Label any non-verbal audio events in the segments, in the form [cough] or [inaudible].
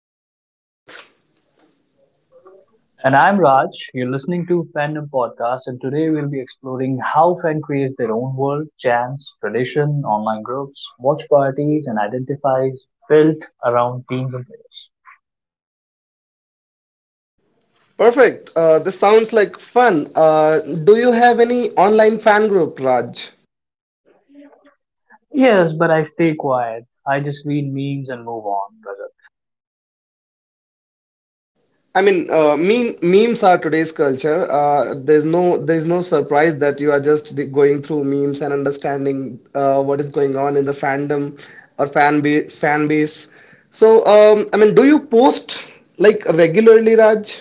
I am Rajat. And I'm Raj. You're listening to Fandom Podcast, and today we'll be exploring how fans create their own world, chants, tradition, online groups, watch parties, and identifies built around teams and players. Perfect. This sounds like fun. Do you have any online fan group, Raj? Yes, but I stay quiet. I just read memes and move on, brother. Memes are today's culture. There's no surprise that you are just going through memes and understanding what is going on in the fandom or fan base. Do you post like regularly, Raj?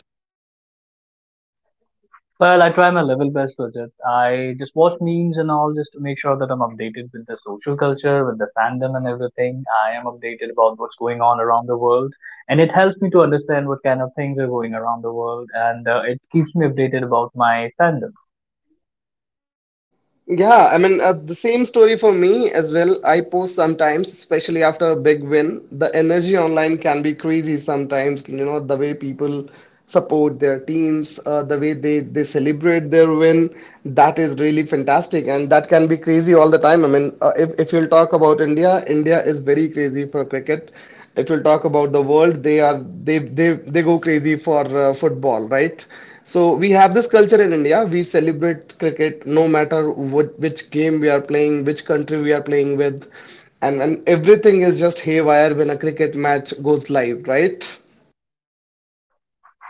Well, I try my level best with it. I just watch memes and all just to make sure that I'm updated with the social culture, with the fandom and everything. I am updated about what's going on around the world. And it helps me to understand what kind of things are going around the world. And it keeps me updated about my fandom. Yeah, I mean, the same story for me as well. I post sometimes, especially after a big win. The energy online can be crazy sometimes, you know, the way people support their teams, the way they celebrate their win. That is really fantastic. And that can be crazy all the time. If you'll talk about India, India is very crazy for cricket. If you'll talk about the world, they are they go crazy for football, right? So we have this culture in India. We celebrate cricket no matter what, which game we are playing, which country we are playing with, and everything is just haywire when a cricket match goes live, right?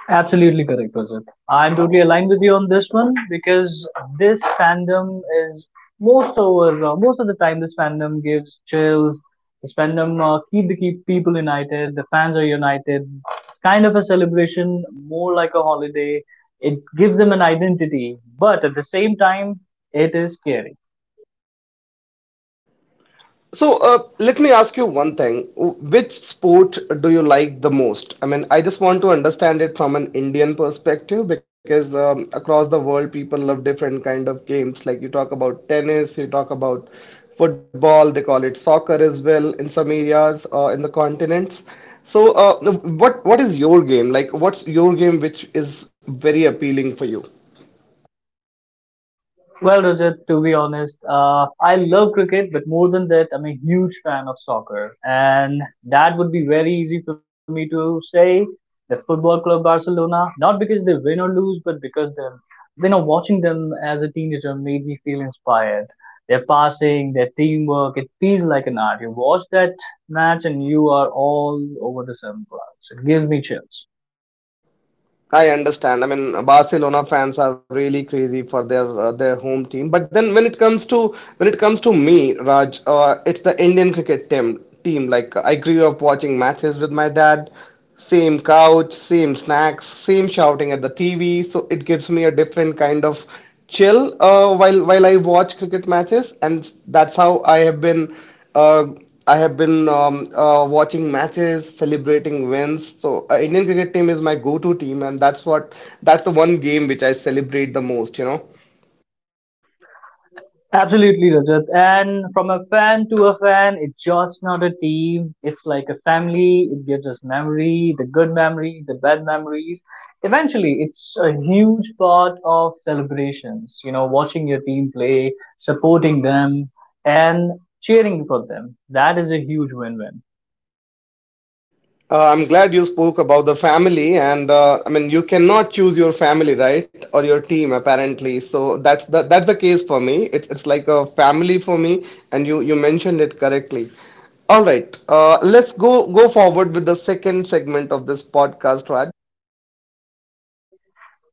Absolutely correct, Rajat. I'm totally aligned with you on this one because this fandom is most over most of the time this fandom gives chills. This fandom keep people united. The fans are united. It's kind of a celebration, more like a holiday. It gives them an identity, but at the same time, it is scary. Let me ask you one thing. Which sport do you like the most? I mean, I just want to understand it from an Indian perspective because across the world, people love different kind of games. Like you talk about tennis, you talk about football, they call it soccer as well in some areas in the continents. So, uh, what is your game? Like, what's your game which is very appealing for you? Well, Rajat, to be honest, I love cricket, but more than that, I'm a huge fan of soccer. And that would be very easy for me to say the Football Club Barcelona, not because they win or lose, but because them, you know, watching them as a teenager made me feel inspired. Their passing, their teamwork, it feels like an art. You watch that match and you are all over the sun clouds. It gives me chills. I understand. I mean, Barcelona fans are really crazy for their home team. But then when it comes to me, Raj, it's the Indian cricket team. Team like I grew up watching matches with my dad. Same couch, same snacks, same shouting at the TV. So it gives me a different kind of chill while I watch cricket matches, and that's how I have been. Uh, I have been watching matches, celebrating wins. So Indian cricket team is my go-to team, and that's the one game which I celebrate the most, you know. Absolutely, Rajat. And from a fan to a fan, it's just not a team. It's like a family. It gives us memory, the good memories, the bad memories. Eventually, it's a huge part of celebrations. You know, watching your team play, supporting them, and cheering for them. That is a huge win-win. I'm glad you spoke about the family, and I mean you cannot choose your family, right, or your team apparently. So that's the case for me. It's like a family for me, and you mentioned it correctly. All right, let's go forward with the second segment of this podcast, Raj.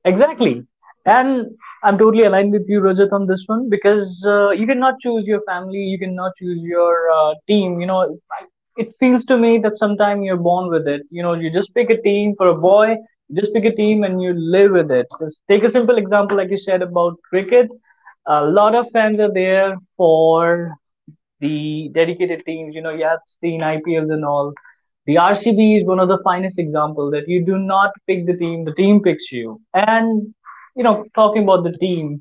Exactly. And I'm totally aligned with you, Rajat, on this one because you cannot choose your family, you cannot choose your team. You know, it feels to me that sometimes you're born with it. You know, you just pick a team for a boy, you just pick a team and you live with it. Just take a simple example, like you said about cricket. A lot of fans are there for the dedicated teams. You know, you have seen IPLs and all. The RCB is one of the finest examples that you do not pick the team picks you. And, you know, talking about the team,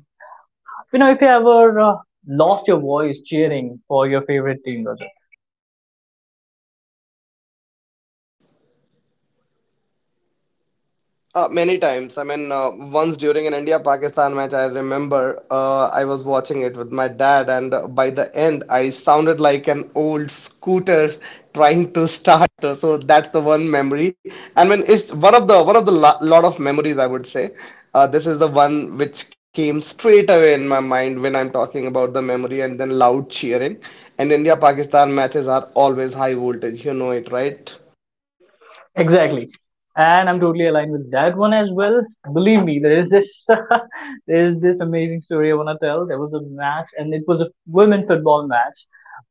you know, if you ever lost your voice cheering for your favorite team, Many times. Once during an India-Pakistan match, I remember I was watching it with my dad, and by the end, I sounded like an old scooter [laughs] trying to start. So that's the one memory. I mean, it's one of the lo lot of memories I would say. This is the one which came straight away in my mind when I'm talking about the memory, and then loud cheering. And India-Pakistan matches are always high voltage. You know it, right? exactly. And I'm totally aligned with that one as well. Believe me, there is this [laughs] there is this amazing story I wanna tell. There was a match and it was a women football match.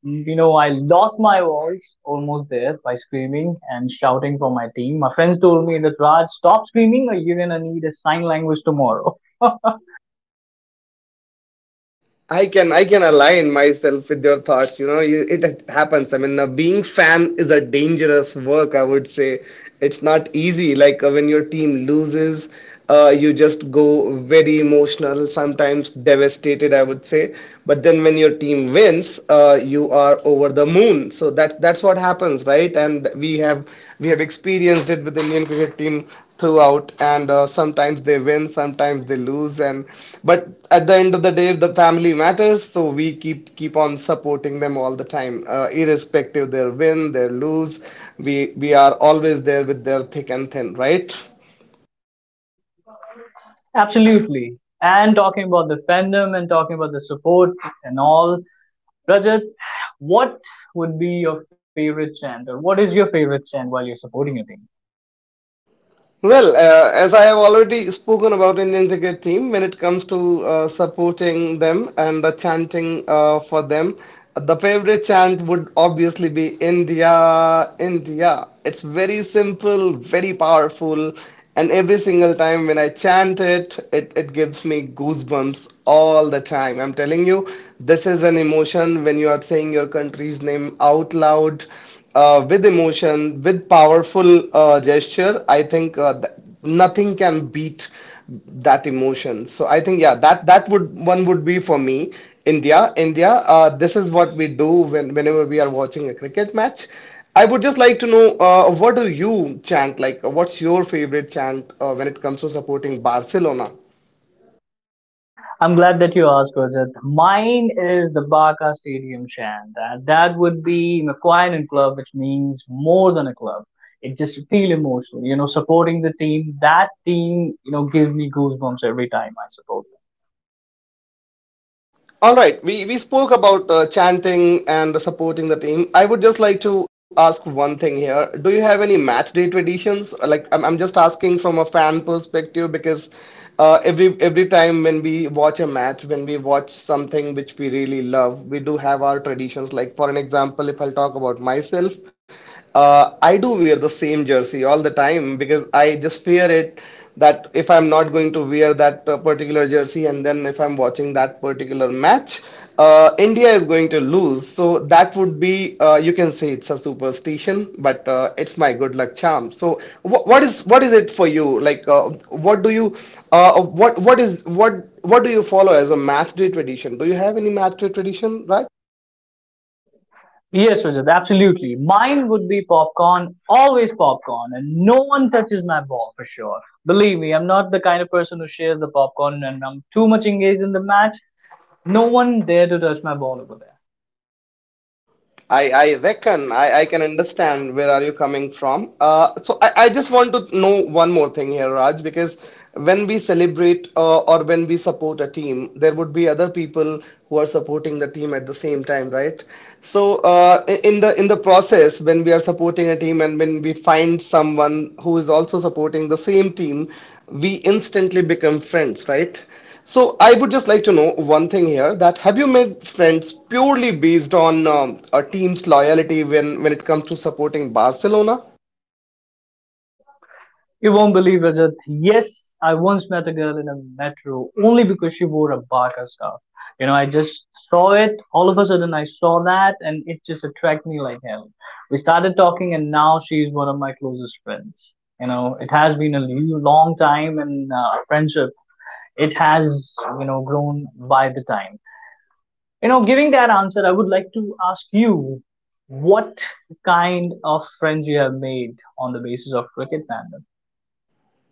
You know, I lost my voice almost there by screaming and shouting for my team. My friends told me that Raj, stop screaming or you're gonna need a sign language tomorrow. I can align myself with your thoughts. You know, it happens. Being fan is a dangerous work. I would say it's not easy. Like when your team loses, you just go very emotional, sometimes devastated. I would say, but then when your team wins, you are over the moon. So that's what happens, right? And we have experienced it with the Indian cricket team throughout. And sometimes they win, sometimes they lose. And but at the end of the day, the family matters, so we keep on supporting them all the time, irrespective their win, their lose. We are always there with their thick and thin, right? [laughs] Absolutely. And talking about the fandom and talking about the support and all. Rajat, what would be your favorite chant or what is your favorite chant while you're supporting your team? As I have already spoken about Indian cricket team, when it comes to supporting them and the chanting for them, the favorite chant would obviously be India, India. It's very simple, very powerful, and every single time when I chant it, it gives me goosebumps all the time. I'm telling you, this is an emotion when you are saying your country's name out loud with emotion, with powerful gesture, nothing can beat that emotion. So I think yeah, that would one would be for me. India, India. This is what we do when whenever we are watching a cricket match. I would just like to know what do you chant like? What's your favorite chant when it comes to supporting Barcelona? I'm glad that you asked, Rajat. Mine is the Barca Stadium chant. That would be McQuine Club, which means more than a club. It just feel emotional, you know, supporting the team. That team, you know, gives me goosebumps every time I support. All right, we spoke about chanting and supporting the team. I would just like to ask one thing here. Do you have any match day traditions? Like, I'm just asking from a fan perspective because every time when we watch a match, when we watch something which we really love, we do have our traditions. Like, for an example, if I'll talk about myself, I do wear the same jersey all the time because I just fear it that if I'm not going to wear that particular jersey and then if I'm watching that particular match, India is going to lose. So that would be, you can say it's a superstition, but it's my good luck charm. So what is it for you? Like, what do you, what is what do you follow as a match day tradition? Do you have any match day tradition, right? Yes, Rajat, absolutely. Mine would be popcorn, always popcorn, and no one touches my ball for sure. Believe me, I'm not the kind of person who shares the popcorn and I'm too much engaged in the match. No one dare to touch my ball over there. I reckon I can understand where are you coming from. So I just want to know one more thing here, Raj, because when we celebrate or when we support a team, there would be other people who are supporting the team at the same time, right? So in the process, when we are supporting a team and when we find someone who is also supporting the same team, we instantly become friends, right? So I would just like to know one thing here that have you made friends purely based on a team's loyalty when it comes to supporting Barcelona? You won't believe, Rajat. Yes, I once met a girl in a metro only because she wore a Bata scarf. You know, I just saw it. All of a sudden, I saw that, and it just attracted me like hell. We started talking, and now she's one of my closest friends. You know, it has been a long time, and friendship it has, you know, grown by the time. You know, giving that answer, I would like to ask you what kind of friends you have made on the basis of cricket fandom.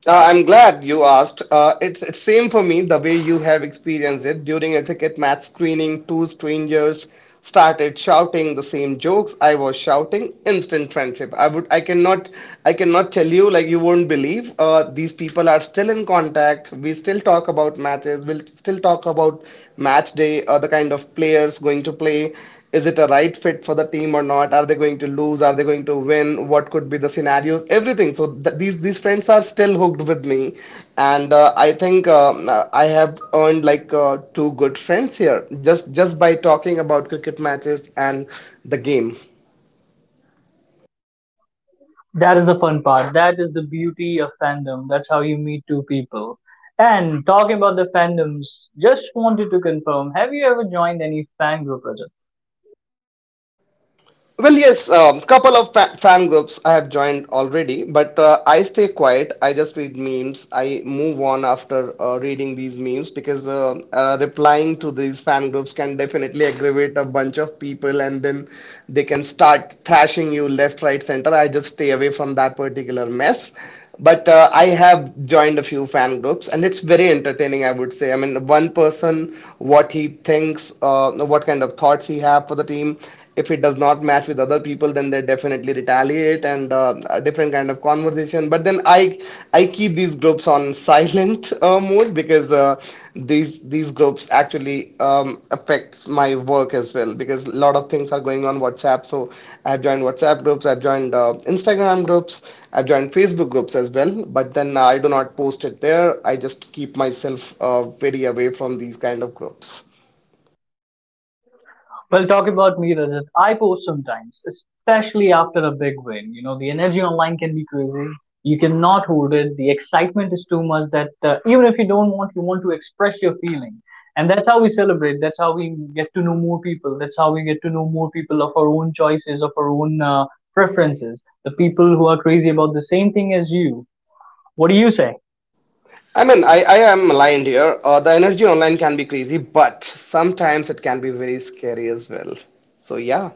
I'm glad you asked. It's same for me the way you have experienced it. During a cricket match screening, two strangers started shouting the same jokes. I was shouting instant friendship. I would I cannot tell you like you won't believe. These people are still in contact. We still talk about matches. We'll still talk about match day. The kind of players going to play. Is it a right fit for the team or not? Are they going to lose? Are they going to win? What could be the scenarios? Everything. So these friends are still hooked with me, and I have earned like 2 good friends here just by talking about cricket matches and the game. That is the fun part. That is the beauty of fandom. That's how you meet two people. And talking about the fandoms, just wanted to confirm, have you ever joined any fan group? Well, yes, couple of fa fan groups I have joined already, but I stay quiet. I just read memes. I move on after reading these memes because replying to these fan groups can definitely aggravate a bunch of people and then they can start thrashing you left, right, center. I just stay away from that particular mess. But I have joined a few fan groups, and it's very entertaining, I would say. I mean, one person, what he thinks, what kind of thoughts he have for the team. If it does not match with other people, then they definitely retaliate and a different kind of conversation. But then I keep these groups on [laughs] silent mood because these groups actually affects my work as well because a lot of things are going on WhatsApp. So I've joined WhatsApp groups, I've joined Instagram groups, I've joined Facebook groups as well. But then I do not post it there. I just keep myself very away from these kind of groups. Well, talk about me, Rajat. I post sometimes, especially after a big win. You know, the energy online can be crazy. You cannot hold it. The excitement is too much that even if you don't want, you want to express your feeling. And that's how we celebrate. That's how we get to know more people. That's how we get to know more people of our own choices, of our own preferences. The people who are crazy about the same thing as you. What do you say? I am aligned here. The energy online can be crazy, but sometimes it can be very scary as well. So yeah.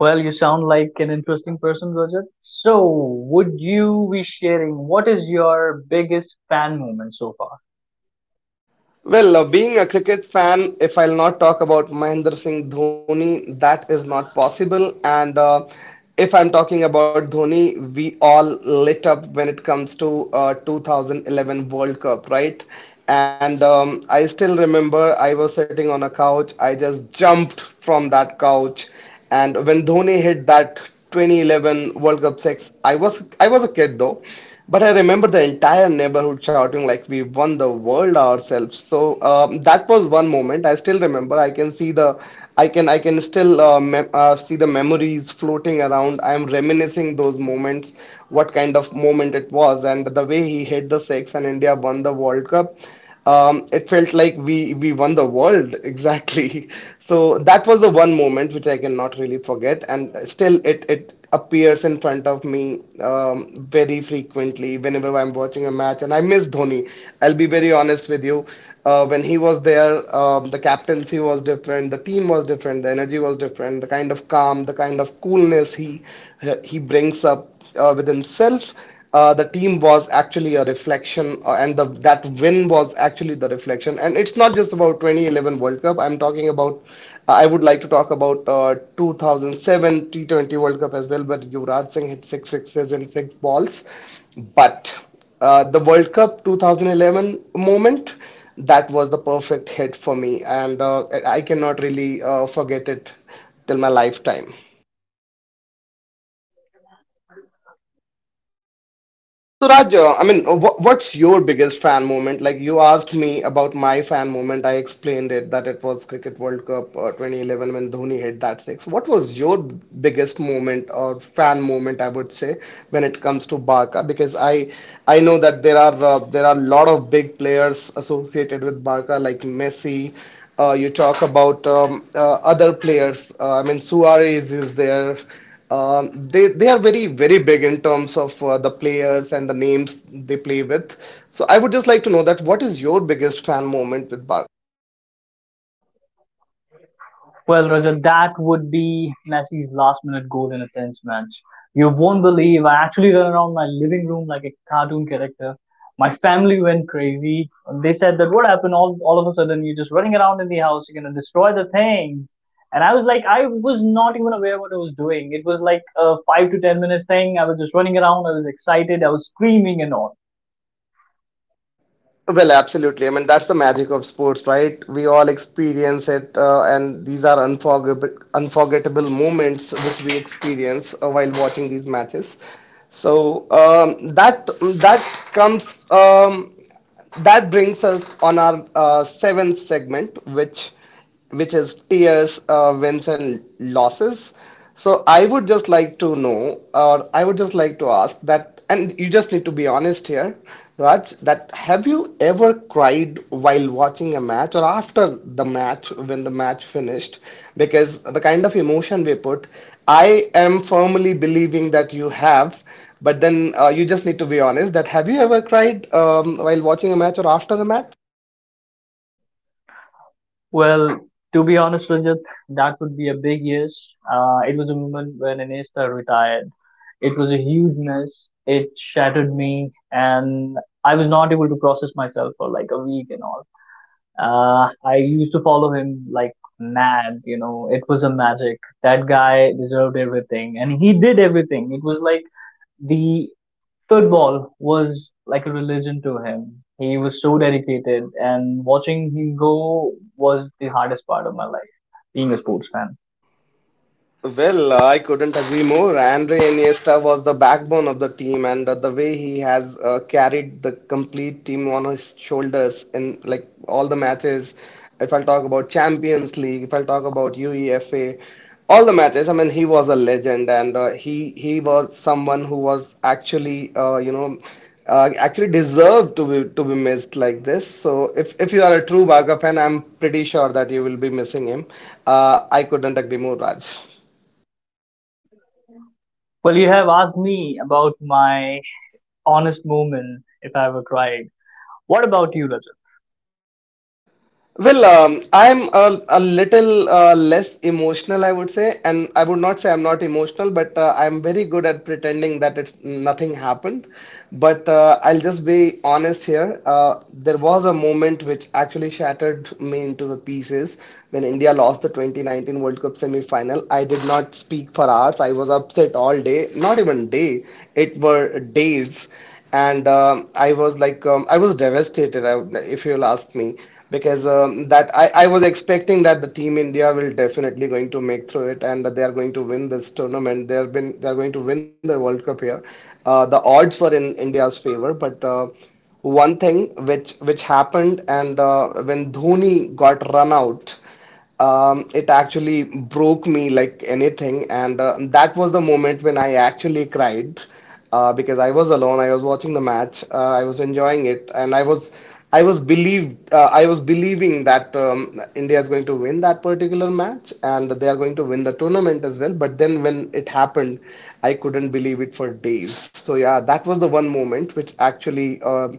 Well, you sound like an interesting person, Rajat. So, would you be sharing what is your biggest fan moment so far? Being a cricket fan, if I'll not talk about Mahendra Singh Dhoni, that is not possible. And if I'm talking about Dhoni, we all lit up when it comes to 2011 World Cup, right? And I still remember I was sitting on a couch. I just jumped from that couch, and when Dhoni hit that 2011 World Cup six, I was a kid though, but I remember the entire neighborhood shouting like we won the world ourselves. So that was one moment I still remember. I can see I can still mem see the memories floating around. I am reminiscing those moments, what kind of it was, and the way he hit the six and India won the World Cup. It felt like we won the world [laughs] exactly. So that was the one moment which I cannot really forget, and still it appears in front of me very frequently whenever I'm watching a match, and I miss Dhoni. I'll be very honest with you. When he was there, the captaincy was different, the team was different, the energy was different, the kind of calm, the kind of coolness he brings up with himself. The team was actually a reflection, and that win was actually the reflection. And it's not just about 2011 World Cup. I'm talking about. I would like to talk about 2007 T20 World Cup as well, where Yuvraj Singh hit six sixes in six balls. But the World Cup 2011 moment, that was the perfect hit for me, and I cannot really forget it till my lifetime. So Raj, I mean, what's your biggest fan moment? Like you asked me about my fan moment, I explained it that it was Cricket World Cup 2011 when Dhoni hit that six. What was your biggest moment or fan moment, I would say, when it comes to Barca? Because I know that there are a lot of big players associated with Barca like Messi. You talk about other players. I mean, Suarez is there. They are very very big in terms of the players and the names they play with. So I would just like to know that what is your biggest fan moment with Barca? Well, Roger, that would be Messi's last minute goal in a tense match. You won't believe I actually ran around my living room like a cartoon character. My family went crazy. They said that what happened, all of a sudden you're just running around in the house, you're gonna destroy the things. And I was like, I was not even aware what I was doing. It was like a 5 to 10 minutes thing. I was just running around, I was excited, I was screaming and all. Well, absolutely. I mean that's the magic of sports, right? We all experience it, and these are unforgettable moments which we experience while watching these matches. So um, that that comes um, that brings us on our seventh segment, which is tears, wins, and losses. So I would just like to know, or I would just like to ask that, and you just need to be honest here, Raj, that have you ever cried while watching a match or after the match when the match finished? Because the kind of emotion we put, I am firmly believing that you have, but then you just need to be honest that have you ever cried while watching a match or after the match? Well, to be honest, Rajat, that would be a big yes. It was a moment when Iniesta retired. It was a huge mess. It shattered me, and I was not able to process myself for like a week and all. I used to follow him like mad, you know. It was a magic. That guy deserved everything, and he did everything. It was like the football was like a religion to him. He was so dedicated, and watching him go was the hardest part of my life, being a sports fan. Well, I couldn't agree more. Andre Iniesta was the backbone of the team, and the way he has carried the complete team on his shoulders in like all the matches. If I'll talk about Champions League, if I'll talk about UEFA, all the matches. I mean, he was a legend, and he was someone who was actually you know actually deserved to be missed like this. So if you are a true Barca fan, I'm pretty sure that you will be missing him. I couldn't agree more, Raj. Well, you have asked me about my honest moment if I ever cried. What about you, Rajat? Well, I'm a little less emotional, I would say, and I would not say I'm not emotional, but I'm very good at pretending that it's nothing happened. But I'll just be honest here. There was a moment which actually shattered me into the pieces when India lost the 2019 World Cup semi-final. I did not speak for hours. I was upset all day, not even day. It were days and I was like I was devastated if you'll ask me because I was expecting that the team India will definitely going to make through it and that they are going to win this tournament they have been they are going to win the World Cup here. The odds were in India's favor but one thing which happened and when Dhoni got run out, it actually broke me like anything. And that was the moment when I actually cried because I was alone. I was watching the match. I was enjoying it, and I was believing that India is going to win that particular match and they are going to win the tournament as well. But then when it happened, I couldn't believe it for days. So yeah, that was the one moment which actually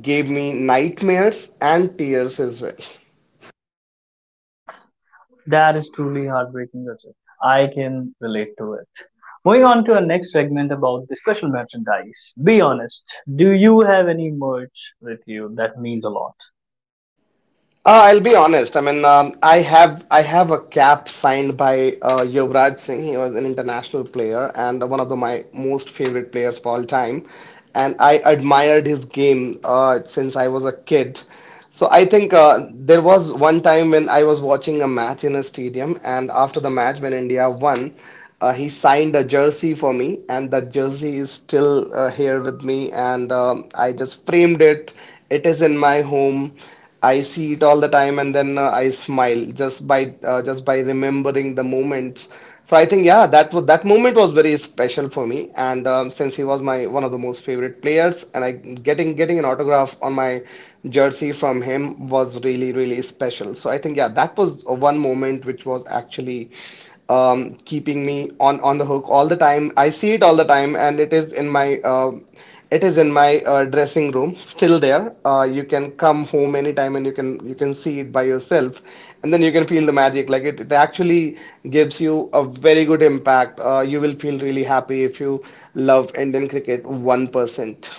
gave me nightmares and tears as well. That is truly heartbreaking, Rajat. I can relate to it. Moving on to our next segment about the special merchandise. Be honest. Do you have any merch with you that means a lot? I'll be honest. I mean, I have a cap signed by Yuvraj Singh. He was an international player and one of my most favorite players of all time. And I admired his game since I was a kid. So I think there was one time when I was watching a match in a stadium, and after the match when India won, he signed a jersey for me, and that jersey is still here with me, and I just framed it. It is in my home. I see it all the time, and then I smile just by just by remembering the moments. So I think yeah, that was that moment was very special for me, and since he was my one of the most favorite players, and I getting an autograph on my jersey from him was really really special. So I think yeah, that was one moment which was actually keeping me on the hook all the time. I see it all the time, and it is in my dressing room, still there. You can come home anytime and you can see it by yourself, and then you can feel the magic. Like it actually gives you a very good impact. You will feel really happy if you love Indian cricket 1%.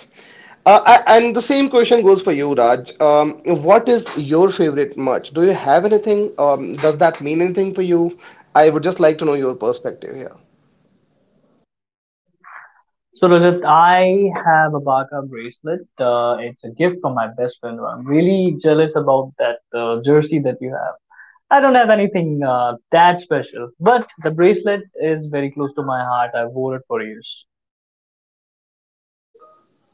And the same question goes for you, Raj. What is your favorite merch? Do you have anything? Does that mean anything for you? I would just like to know your perspective here. So, Rajat, I have a Baka bracelet. It's a gift from my best friend. I'm really jealous about that jersey that you have. I don't have anything that special, but the bracelet is very close to my heart. I wore it for years.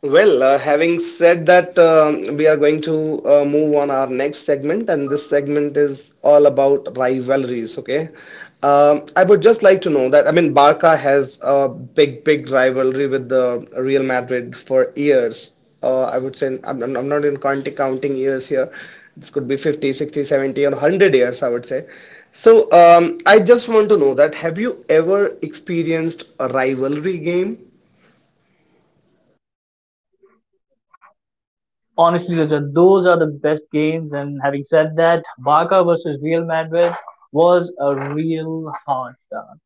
Well, having said that, we are going to move on our next segment, and this segment is all about rivalries. Okay, I would just like to know that I mean, Barca has a big, big rivalry with the Real Madrid for years. I would say I'm not even counting years here. This could be 50, 60, 70, or 100 years, I would say. So, I just want to know that have you ever experienced a rivalry game? Honestly, Rajat, those are the best games. And having said that, versus Real Madrid was a real hard start,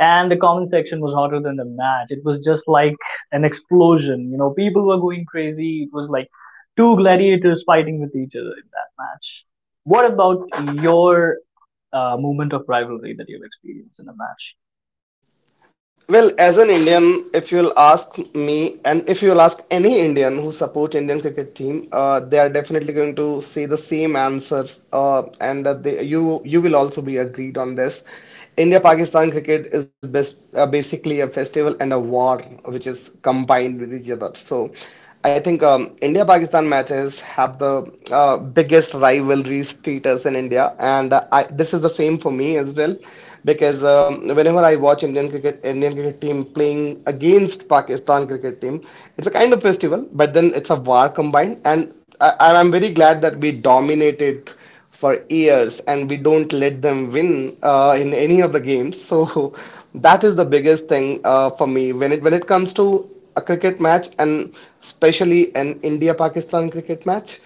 and the comment section was hotter than the match. It was just like an explosion. You know, people were going crazy. It was like two gladiators fighting with each other in that match. What about your moment of rivalry that you've experienced in a match? Well, as an Indian, if you'll ask me, and if you'll ask any Indian support Indian cricket team, they are definitely going to say the same answer, and you will also be agreed on this. India-Pakistan cricket is best, basically a festival and a war, which is combined with each other. So, I think India-Pakistan matches have the biggest rivalry status in India, and this is the same for me as well because whenever I watch Indian cricket team playing against Pakistan cricket team, it's a kind of festival, but then it's a war combined, and I'm very glad that we dominated for years and we don't let them win in any of the games. So [laughs] that is the biggest thing for me when it comes to a cricket match and especially an India Pakistan cricket match.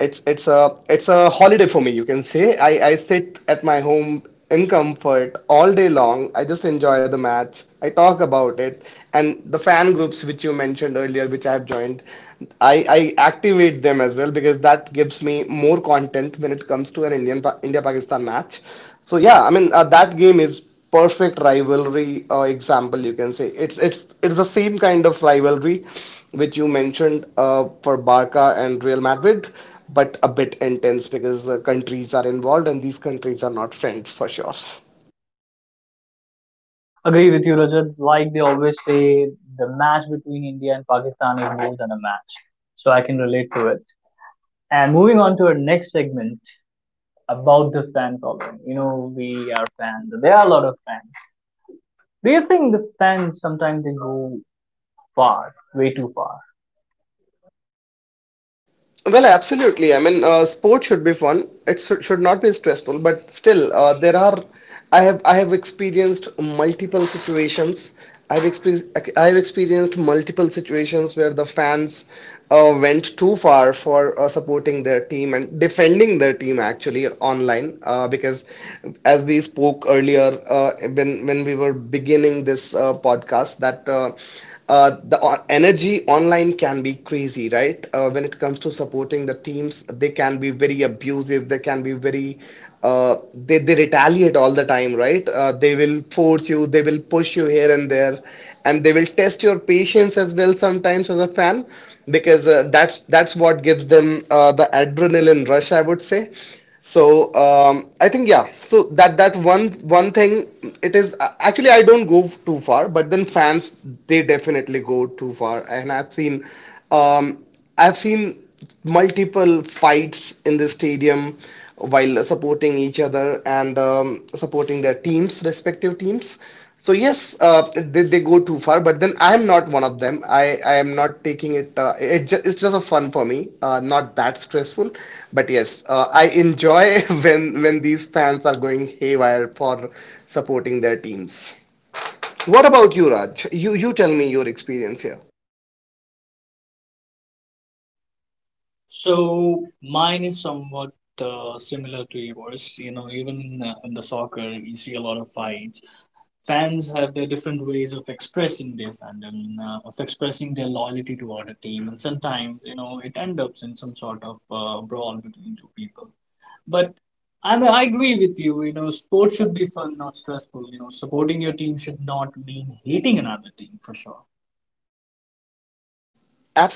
It's it's a holiday for me, you can say. I sit at my home in comfort all day long. I just enjoy the match. I talk about it. And the fan groups which you mentioned earlier, which I have joined, I activate them as well because that gives me more content when it comes to an India Pakistan match. So yeah, I mean that game is perfect rivalry example you can say it's it's the same kind of rivalry which you mentioned for Barca and Real Madrid but a bit intense because countries are involved and these countries are not friends for sure. Agree with you, Rajat. Like they always say, the match between India and Pakistan is more than a match. So I can relate to it. And moving on to our next segment about the fan following. You know, we are fans. There are a lot of fans. Do you think the fans sometimes they go far, way too far? Well, absolutely. I mean, sport should be fun. It should not be stressful, but still, there are. I have experienced multiple situations. I've experienced I've experienced multiple situations where the fans went too far for supporting their team and defending their team actually online because as we spoke earlier when we were beginning this podcast that energy online can be crazy, right? When it comes to supporting the teams, they can be very abusive. They can be very, they retaliate all the time, right? They will force you, they will push you here and there, and they will test your patience as well sometimes as a fan because that's what gives them the adrenaline rush, I would say. I think yeah. So that one thing it is actually I don't go too far, but then fans they definitely go too far, and um, I've seen multiple fights in the stadium while supporting each other and supporting their teams, respective teams. So yes, they go too far, but then I am not one of them. I am not taking it. It's just a fun for me, not that stressful. But yes, I enjoy [laughs] when these fans are going haywire for supporting their teams. What about you, Raj? You tell me your experience here.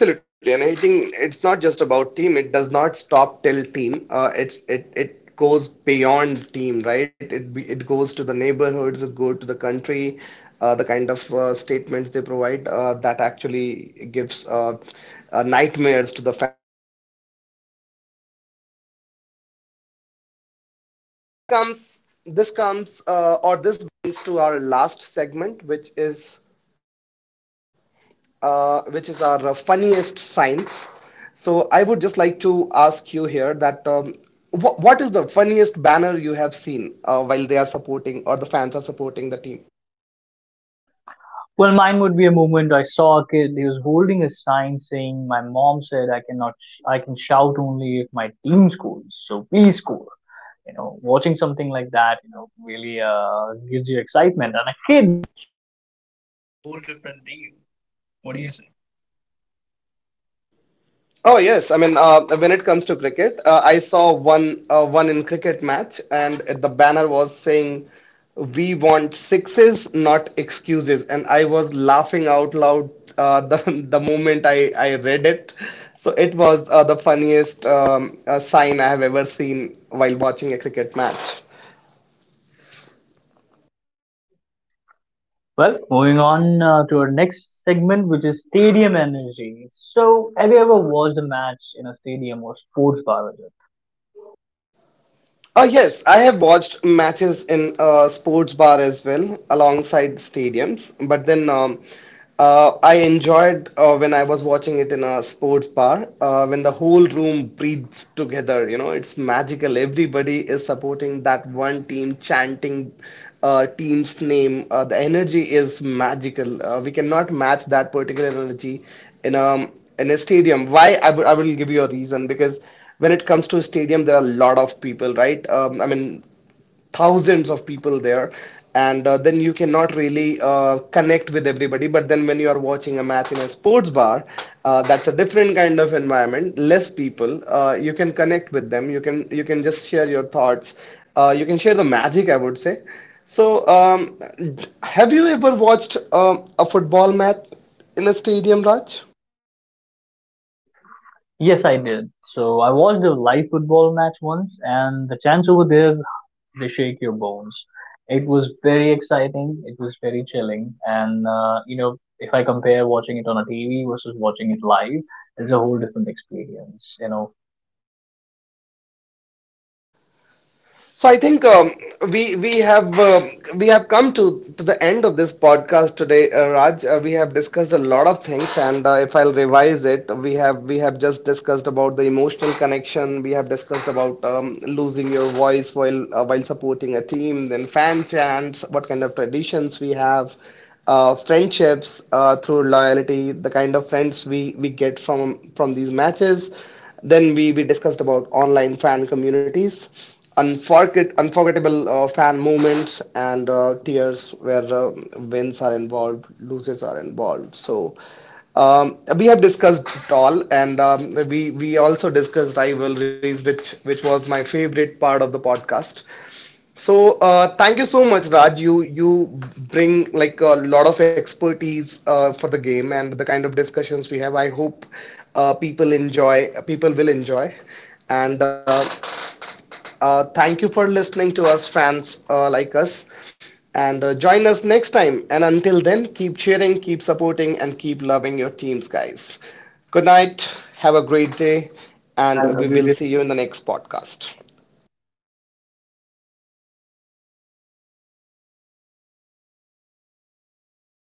Absolutely, and I think it's not just about team. It does not stop till team. It goes beyond team, right? It goes to the neighborhoods, it goes to the country. The kind of statements they provide that actually gives nightmares to the comes. This comes, or this brings to our last segment, which is our funniest signs. So I would just like to ask you here that, what is the funniest banner you have seen while they are supporting, or the fans are supporting the team? Well, mine would be a moment I saw a kid. He was holding a sign saying, "My mom said I cannot, I can shout only if my team scores. So please score." You know, watching something like that, you know, really gives you excitement. Oh yes, I mean when it comes to cricket, I saw one one in cricket match, and the banner was saying, "We want sixes, not excuses," and I was laughing out loud the [laughs] the moment I read it. So it was the funniest sign I have ever seen while watching a cricket match. Well, moving on to our next segment, which is stadium energy. So, have you ever watched a match in a stadium or sports bar, Rajat? Yes, I have watched matches in sports bar as well, alongside stadiums. But then I enjoyed when I was watching it in a sports bar, when the whole room breathes together. You know, it's magical. Everybody is supporting that one team, chanting team's name. The energy is magical. We cannot match that particular energy in a stadium. Why I w I will give you a reason, because when it comes to a stadium, there are a lot of people, right? I mean thousands of people there, and then you cannot really connect with everybody. But then when you are watching a match in a sports bar, that's a different kind of environment, less people. You can connect with them, you can, you can just share your thoughts, you can share the magic, I would say. so um, have you ever watched a football match in a stadium, Raj? Yes, I did. So, I watched a live football match once, and the chants over there, they shake your bones. It was very exciting, it was very chilling, and you know, if I compare watching it on a TV versus watching it live, it's a whole different experience, you know. So I think we have we have come to the end of this podcast today, Raj. We have discussed a lot of things, and if I'll revise it, we have, we have just discussed about the emotional connection. We have discussed about losing your voice while supporting a team, then fan chants, what kind of traditions we have, friendships through loyalty, the kind of friends we get from these matches. Then we discussed about online fan communities, unforgettable fan moments and tears where wins are involved, losses are involved. So we have discussed it all, and we also discussed rivalries, which was my favorite part of the podcast. So thank you so much, Raj. You bring like a lot of expertise for the game and the kind of discussions we have. I hope people enjoy, people will enjoy, and thank you for listening to us, fans like us. And join us next time. And until then, keep cheering, keep supporting, and keep loving your teams, guys. Good night. Have a great day. And we will see you in the next podcast.